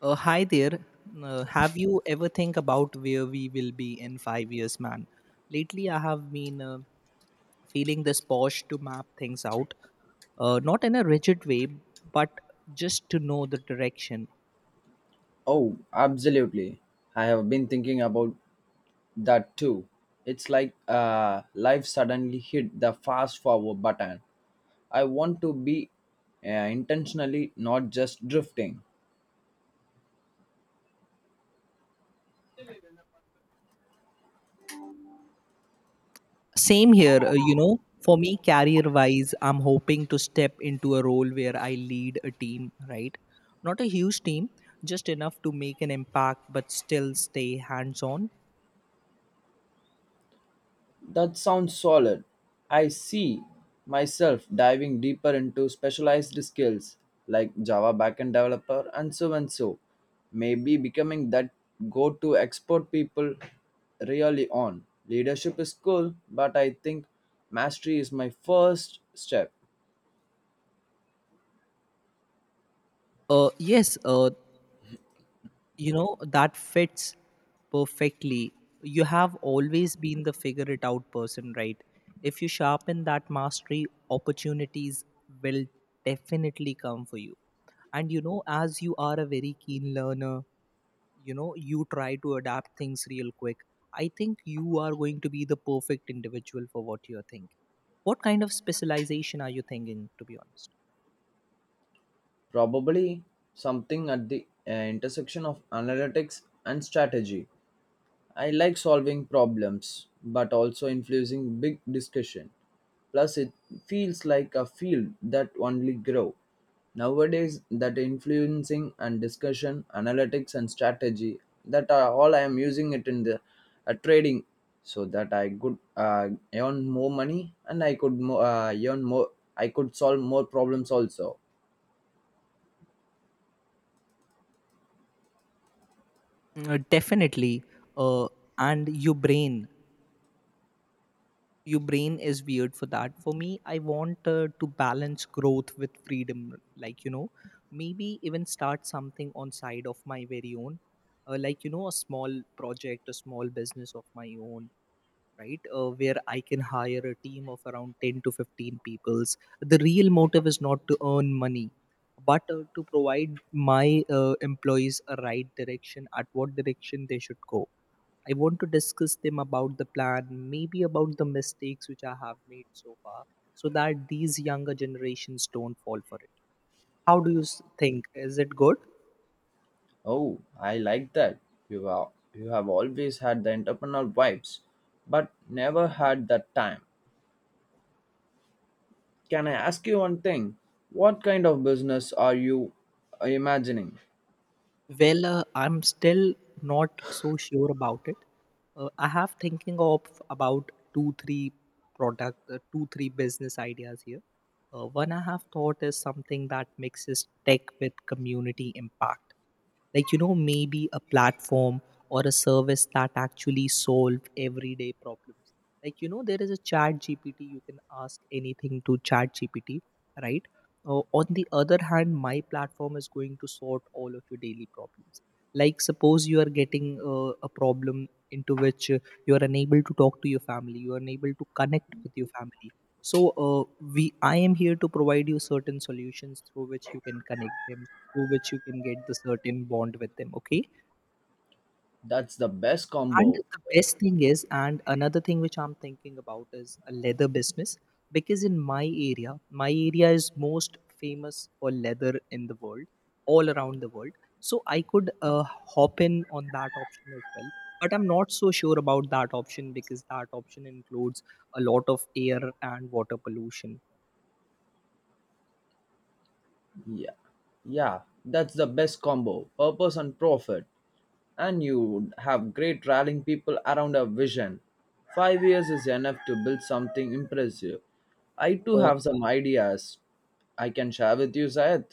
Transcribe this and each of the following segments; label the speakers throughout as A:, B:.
A: Hi there. Have you ever think about where we will be in 5 years, man? Lately, I have been feeling this push to map things out, not in a rigid way, but just to know the direction.
B: Oh, absolutely. I have been thinking about that too. It's like life suddenly hit the fast forward button. I want to be uh, intentionally not just drifting.
A: Same here. For me, career-wise, I'm hoping to step into a role where I lead a team, right? Not a huge team, just enough to make an impact, but still stay hands-on.
B: That sounds solid. I see myself diving deeper into specialized skills like Java backend developer and so and so. Maybe becoming that go to expert people really on. Leadership is cool, but I think mastery is my first step.
A: Yes. You know that fits perfectly. You have always been the figure it out person, right? If you sharpen that mastery, opportunities will definitely come for you. And, as you are a very keen learner, you try to adapt things real quick. I think you are going to be the perfect individual for what you are thinking. What kind of specialization are you thinking, to be honest?
B: Probably something at the intersection of analytics and strategy. I like solving problems, but also influencing big discussion. Plus, it feels like a field that only grow. Nowadays, that influencing and discussion, analytics and strategy, that are all I am using it in the trading, so that I could earn more money and I could earn more. I could solve more problems also.
A: Mm. Definitely. uh, and your brain is weird for that. For me, I want to balance growth with freedom, like, maybe even start something on side of my very own, like, a small project, a small business of my own, right? Where I can hire a team of around 10 to 15 peoples. The real motive is not to earn money, but to provide my employees a right direction at what direction they should go. I want to discuss them about the plan, maybe about the mistakes which I have made so far, so that these younger generations don't fall for it. How do you think, is it good?
B: Oh, I like that. You have always had the entrepreneurial vibes, but never had that time. Can I ask you one thing? What kind of business are you imagining?
A: Well, I'm still not so sure about it. I have thinking of about two, three product, two, three business ideas here. One I have thought is something that mixes tech with community impact. Like, you know, maybe a platform or a service that actually solve everyday problems. Like, you know, there is a chat GPT. You can ask anything to chat GPT, right? On the other hand, my platform is going to sort all of your daily problems. Like, suppose you are getting a problem into which you are unable to talk to your family, you are unable to connect with your family. So, we I am here to provide you certain solutions through which you can connect them, through which you can get the certain bond with them. Okay.
B: That's the best
A: And
B: combo.
A: the best thing is, and another thing which I'm thinking about is a leather business, because in my area is most famous for leather in the world, all around the world. So I could hop in on that option as well. But I'm not so sure about that option because that option includes a lot of air and water pollution.
B: Yeah. Yeah, that's the best combo. Purpose and profit. And you would have great rallying people around a vision. 5 years is enough to build something impressive. I too
A: Uh,
B: have some ideas I can share with you, Syed.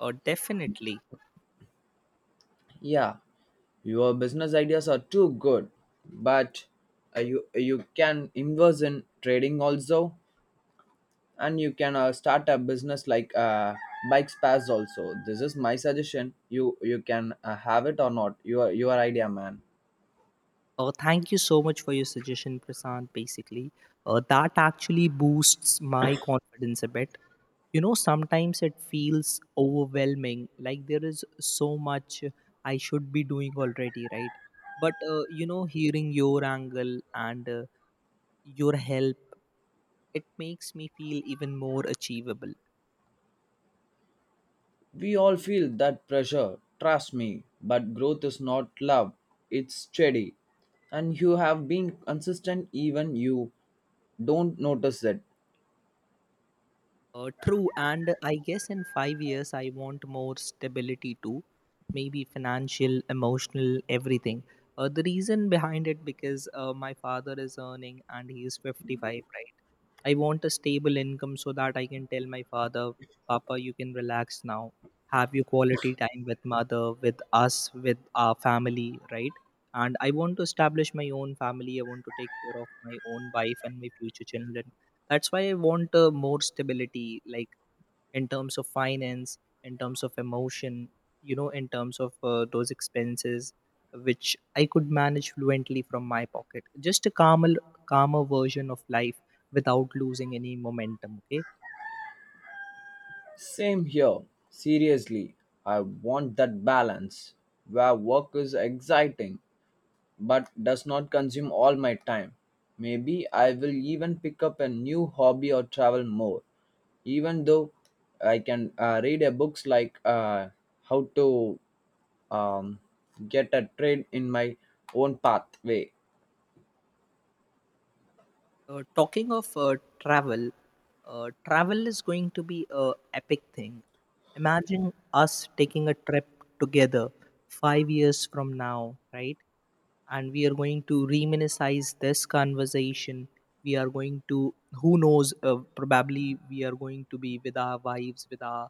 A: Definitely.
B: Yeah, your business ideas are too good, but you you can invest in trading also, and you can start a business like bike spares also. This is my suggestion. You can have it or not. Your idea, man.
A: Thank you so much for your suggestion, Prasant. Basically, that actually boosts my confidence a bit. You know, sometimes it feels overwhelming, like there is so much I should be doing already, right? But hearing your angle and your help, it makes me feel even more achievable.
B: We all feel that pressure. Trust me, but growth is not love. It's steady, and you have been consistent even you don't notice it.
A: True, and I guess in 5 years I want more stability too, maybe financial, emotional, everything. The reason behind it because my father is earning and he is 55, right? I want a stable income so that I can tell my father, Papa, you can relax now. Have your quality time with mother, with us, with our family, right? And I want to establish my own family. I want to take care of my own wife and my future children. That's why I want more stability, like in terms of finance, in terms of emotion, in terms of those expenses which I could manage fluently from my pocket. Just a calmer, calmer version of life without losing any momentum. Okay.
B: Same here. Seriously, I want that balance where work is exciting but does not consume all my time. Maybe I will even pick up a new hobby or travel more. Even though I can read a books like how to um, get a trade in my own pathway.
A: Talking of travel, travel is going to be a epic thing. Imagine us taking a trip together 5 years from now, right? And we are going to reminisize this conversation. We are going to, who knows? Probably we are going to be with our wives,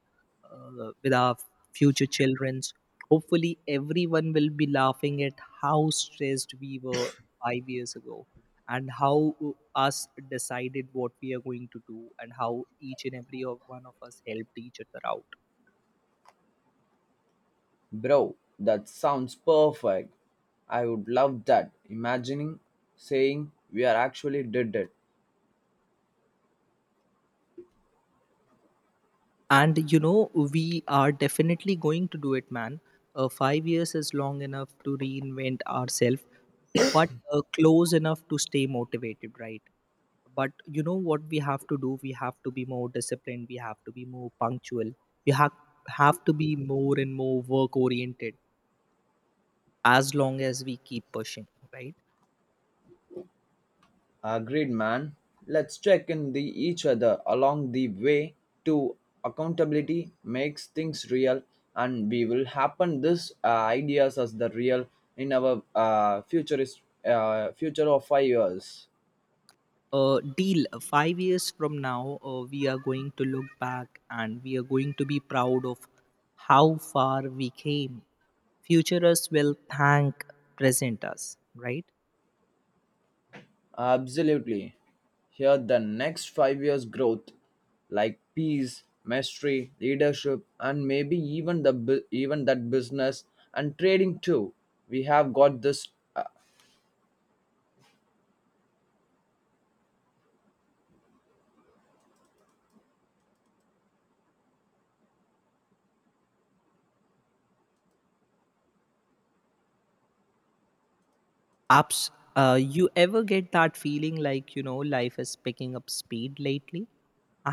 A: with our future childrens. Hopefully, everyone will be laughing at how stressed we were 5 years ago and how uh, us decided what we are going to do and how each and every of one of us helped each other out.
B: Bro, that sounds perfect. I would love that. Imagining saying we are actually did it.
A: And, we are definitely going to do it, man. 5 years is long enough to reinvent ourselves, but close enough to stay motivated, right? But, what we have to do, we have to be more disciplined, we have to be more punctual, we have to be more and more work oriented, as long as we keep pushing, right?
B: Agreed, man. Let's check in the each other along the way to accountability makes things real, and we will happen this ideas as the real in our futurist future of 5 years.
A: Deal. 5 years from now, we are going to look back and we are going to be proud of how far we came. Future us will thank present us, right?
B: Absolutely. Here the next 5 years growth, like peace, mastery, leadership, and maybe even the even that business and trading too. We have got this. uh,
A: Ups. You ever get that feeling like, life is picking up speed lately.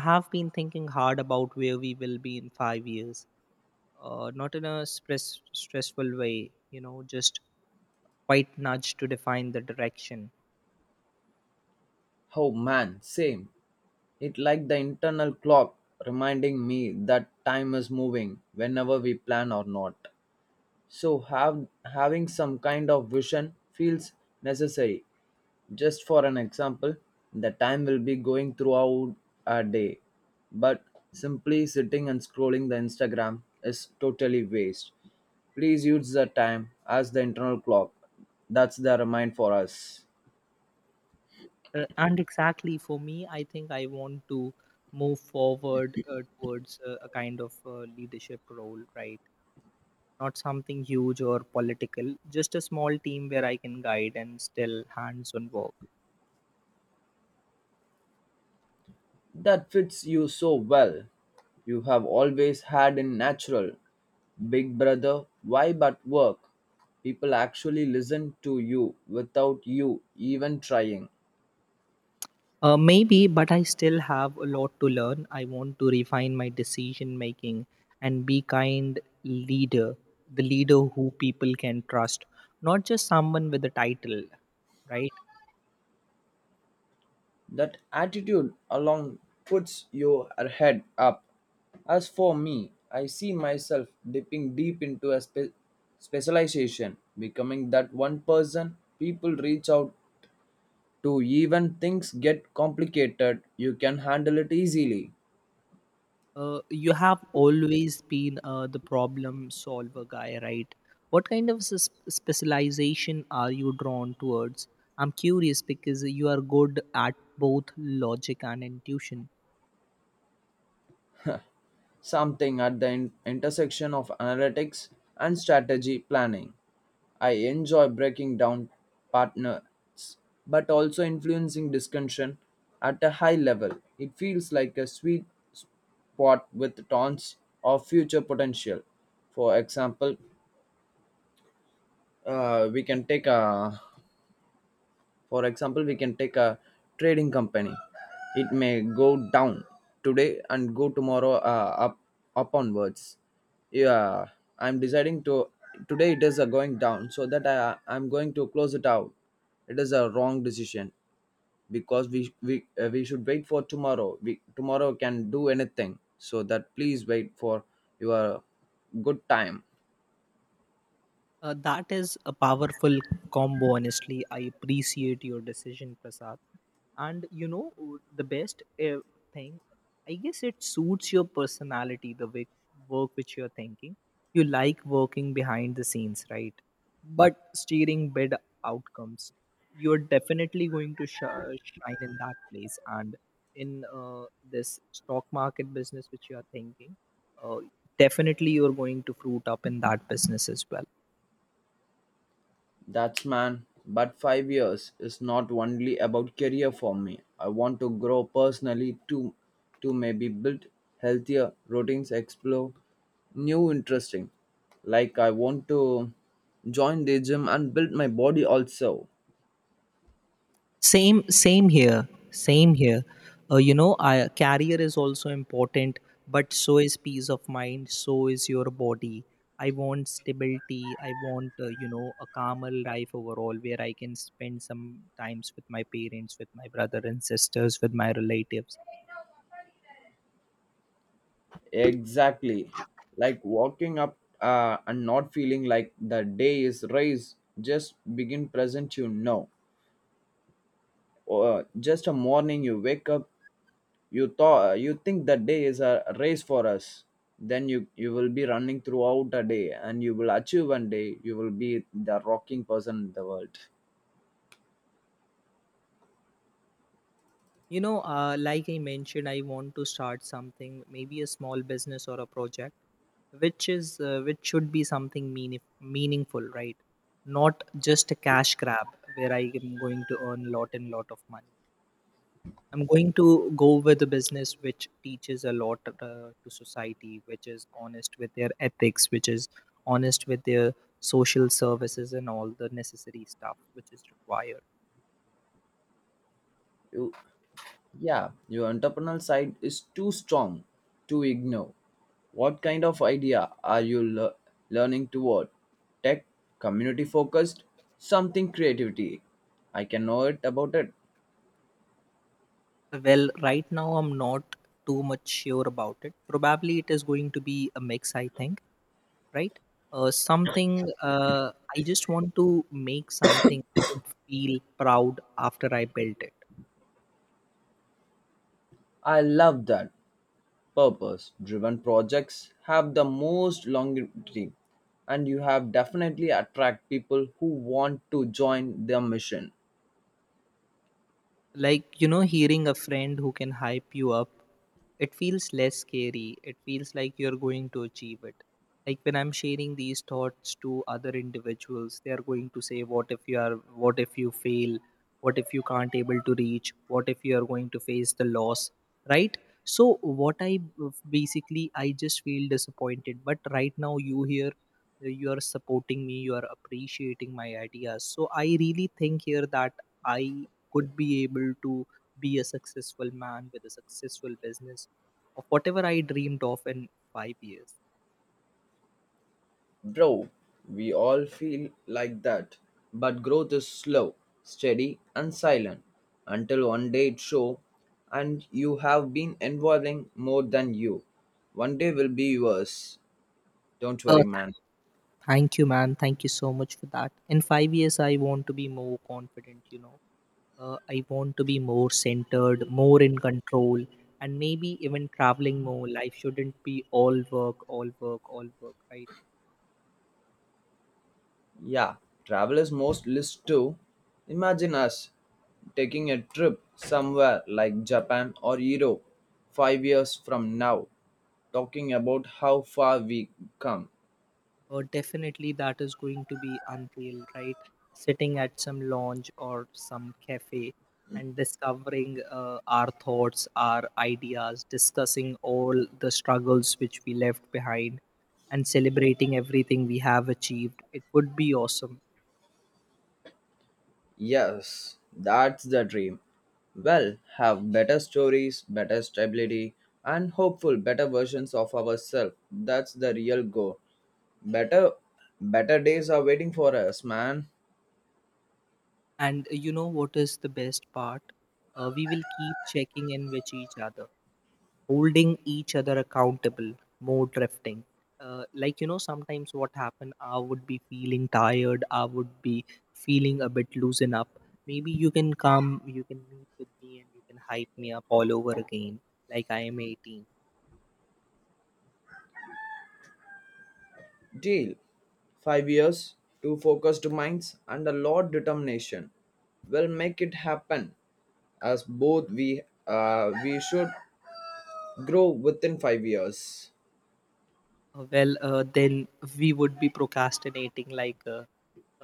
A: I have been thinking hard about where we will be in 5 years, not in a stressful way, just quite nudge to define the direction.
B: oh man, same. It like the internal clock reminding me that time is moving whenever we plan or not. So have having some kind of vision feels necessary. Just for an example, the time will be going throughout our day, but simply sitting and scrolling the Instagram is totally waste. Please use the time as the internal clock. That's the remind for us.
A: And exactly for me, I think I want to move forward towards a kind of leadership role, right? Not something huge or political, just a small team where I can guide and still hands on work.
B: That fits you so well. You have always had a natural Big Brother vibe at work. People actually listen to you without you even trying.
A: Maybe, but I still have a lot to learn. I want to refine my decision making and be kind leader, the leader who people can trust, not just someone with a title, right?
B: That attitude alone puts your head up. As for me, I see myself dipping deep into a specialization, becoming that one person people reach out to even things get complicated, you can handle it easily.
A: You have always been the problem solver guy, right? What kind of specialization are you drawn towards? I'm curious because you are good at both logic and intuition.
B: Something at the intersection of analytics and strategy planning. I enjoy breaking down partners, but also influencing discussion at a high level. It feels like a sweet spot with tons of future potential. For example, uh, we can take a we can take a trading company. It may go down today and go tomorrow up onwards. Yeah, I'm deciding to today it is going down so that I'm going to close it out. It is a wrong decision because we we should wait for tomorrow. We tomorrow can do anything. So that please wait for your good time.
A: That is a powerful combo, honestly. I appreciate your decision, Prasad. And you know, the best thing, I guess it suits your personality, the way, work which you're thinking. You like working behind the scenes, right? But steering bid outcomes, you're definitely going to shine in that place. And in this stock market business which you are thinking, uh, definitely you're going to fruit up in that business as well.
B: That's man, but 5 years is not only about career for me. I want to grow personally too, to maybe build healthier routines, explore new interesting. Like I want to join the gym and build my body also.
A: Same here. Same here. You know, I, career is also important, but so is peace of mind. So is your body. I want stability. I want, a calmer life overall, where I can spend some times with my parents, with my brother and sisters, with my relatives.
B: Exactly. Like walking up and not feeling like the day is raised. Just begin present. Or just a morning you wake up you think that day is a race for us, then you will be running throughout the day and you will achieve one day you will be the rocking person in the world.
A: You know, like I mentioned, I want to start something, maybe a small business or a project, which is which should be something meaningful, right? Not just a cash grab where I am going to earn lot and lot of money. I'm going to go with a business which teaches a lot to society, which is honest with their ethics, which is honest with their social services and all the necessary stuff which is required.
B: You Yeah, your entrepreneurial side is too strong to ignore. What kind of idea are you learning toward? Tech, community focused, something creativity, I can know it about it.
A: Well, right now I'm not too much sure about it. Probably it is going to be a mix, I think, right? Something, I just want to make something I would feel proud after I built it.
B: I love that. Purpose driven projects have the most longevity, and you have definitely attract people who want to join their mission.
A: Like, you know, hearing a friend who can hype you up, it feels less scary. It feels like you're going to achieve it. Like when I'm sharing these thoughts to other individuals, they are going to say, what if you are, what if you fail? What if you can't able to reach? What if you are going to face the loss? Right? So, what I basically, I just feel disappointed. But right now, you here, you are supporting me, you are appreciating my ideas. So, I really think here that I could be able to be a successful man with a successful business of whatever I dreamed of in 5 years.
B: Bro, we all feel like that, but growth is slow, steady and silent until one day it show, and you have been involving more than you. One day will be yours. Don't
A: Uh,
B: worry, man.
A: Thank you, man. Thank you so much for that. In 5 years, I want to be more confident, you know. I want to be more centered, more in control, and maybe even traveling more. Life shouldn't be all work, all work, all work, right?
B: Yeah, travelers most list to imagine us taking a trip somewhere like Japan or Europe 5 years from now, talking about how far we come.
A: Definitely, that is going to be unreal, right? Sitting at some lounge or some cafe and discovering our thoughts, our ideas, discussing all the struggles which we left behind, and celebrating everything we have achieved. It would be awesome.
B: Yes, that's the dream. Well, have better stories, better stability, and hopeful better versions of ourselves. That's the real goal. Better Better days are waiting for us, man.
A: And you know what is the best part? We will keep checking in with each other, holding each other accountable, more drifting. Like, sometimes what happened, I would be feeling tired, I would be feeling a bit loosen up. Maybe you can come, you can meet with me and you can hype me up all over again, like I am 18.
B: Deal. 5 years, two focused minds, and a lot determination. We'll make it happen. As both we should grow within 5 years.
A: Well, then we would be procrastinating like, uh,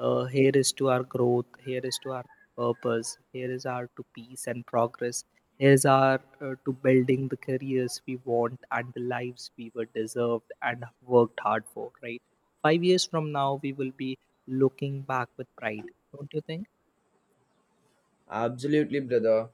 A: Uh, here is to our growth. Here is to our purpose. Here is our to peace and progress. Here is our to building the careers we want and the lives we were deserved and worked hard for. Right. 5 years from now, we will be looking back with pride. Don't you think?
B: Absolutely, brother.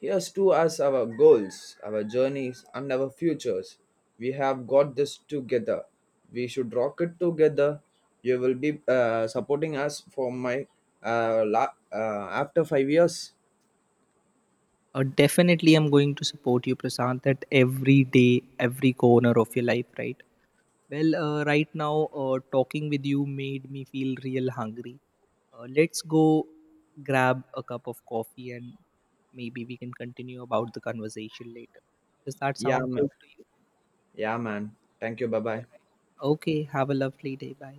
B: Here's to us our goals, our journeys, and our futures. We have got this together. We should rock it together. You will be supporting us for my after 5 years.
A: Definitely, I'm going to support you, Prasant, at every day, every corner of your life. Right. Well, right now, talking with you made me feel real hungry. Let's go grab a cup of coffee and maybe we can continue about the conversation later. Does that
B: Yeah,
A: sound
B: man.
A: good to you?
B: Yeah, man. Thank you. Bye
A: All
B: bye.
A: right. Okay, have a lovely day. Bye.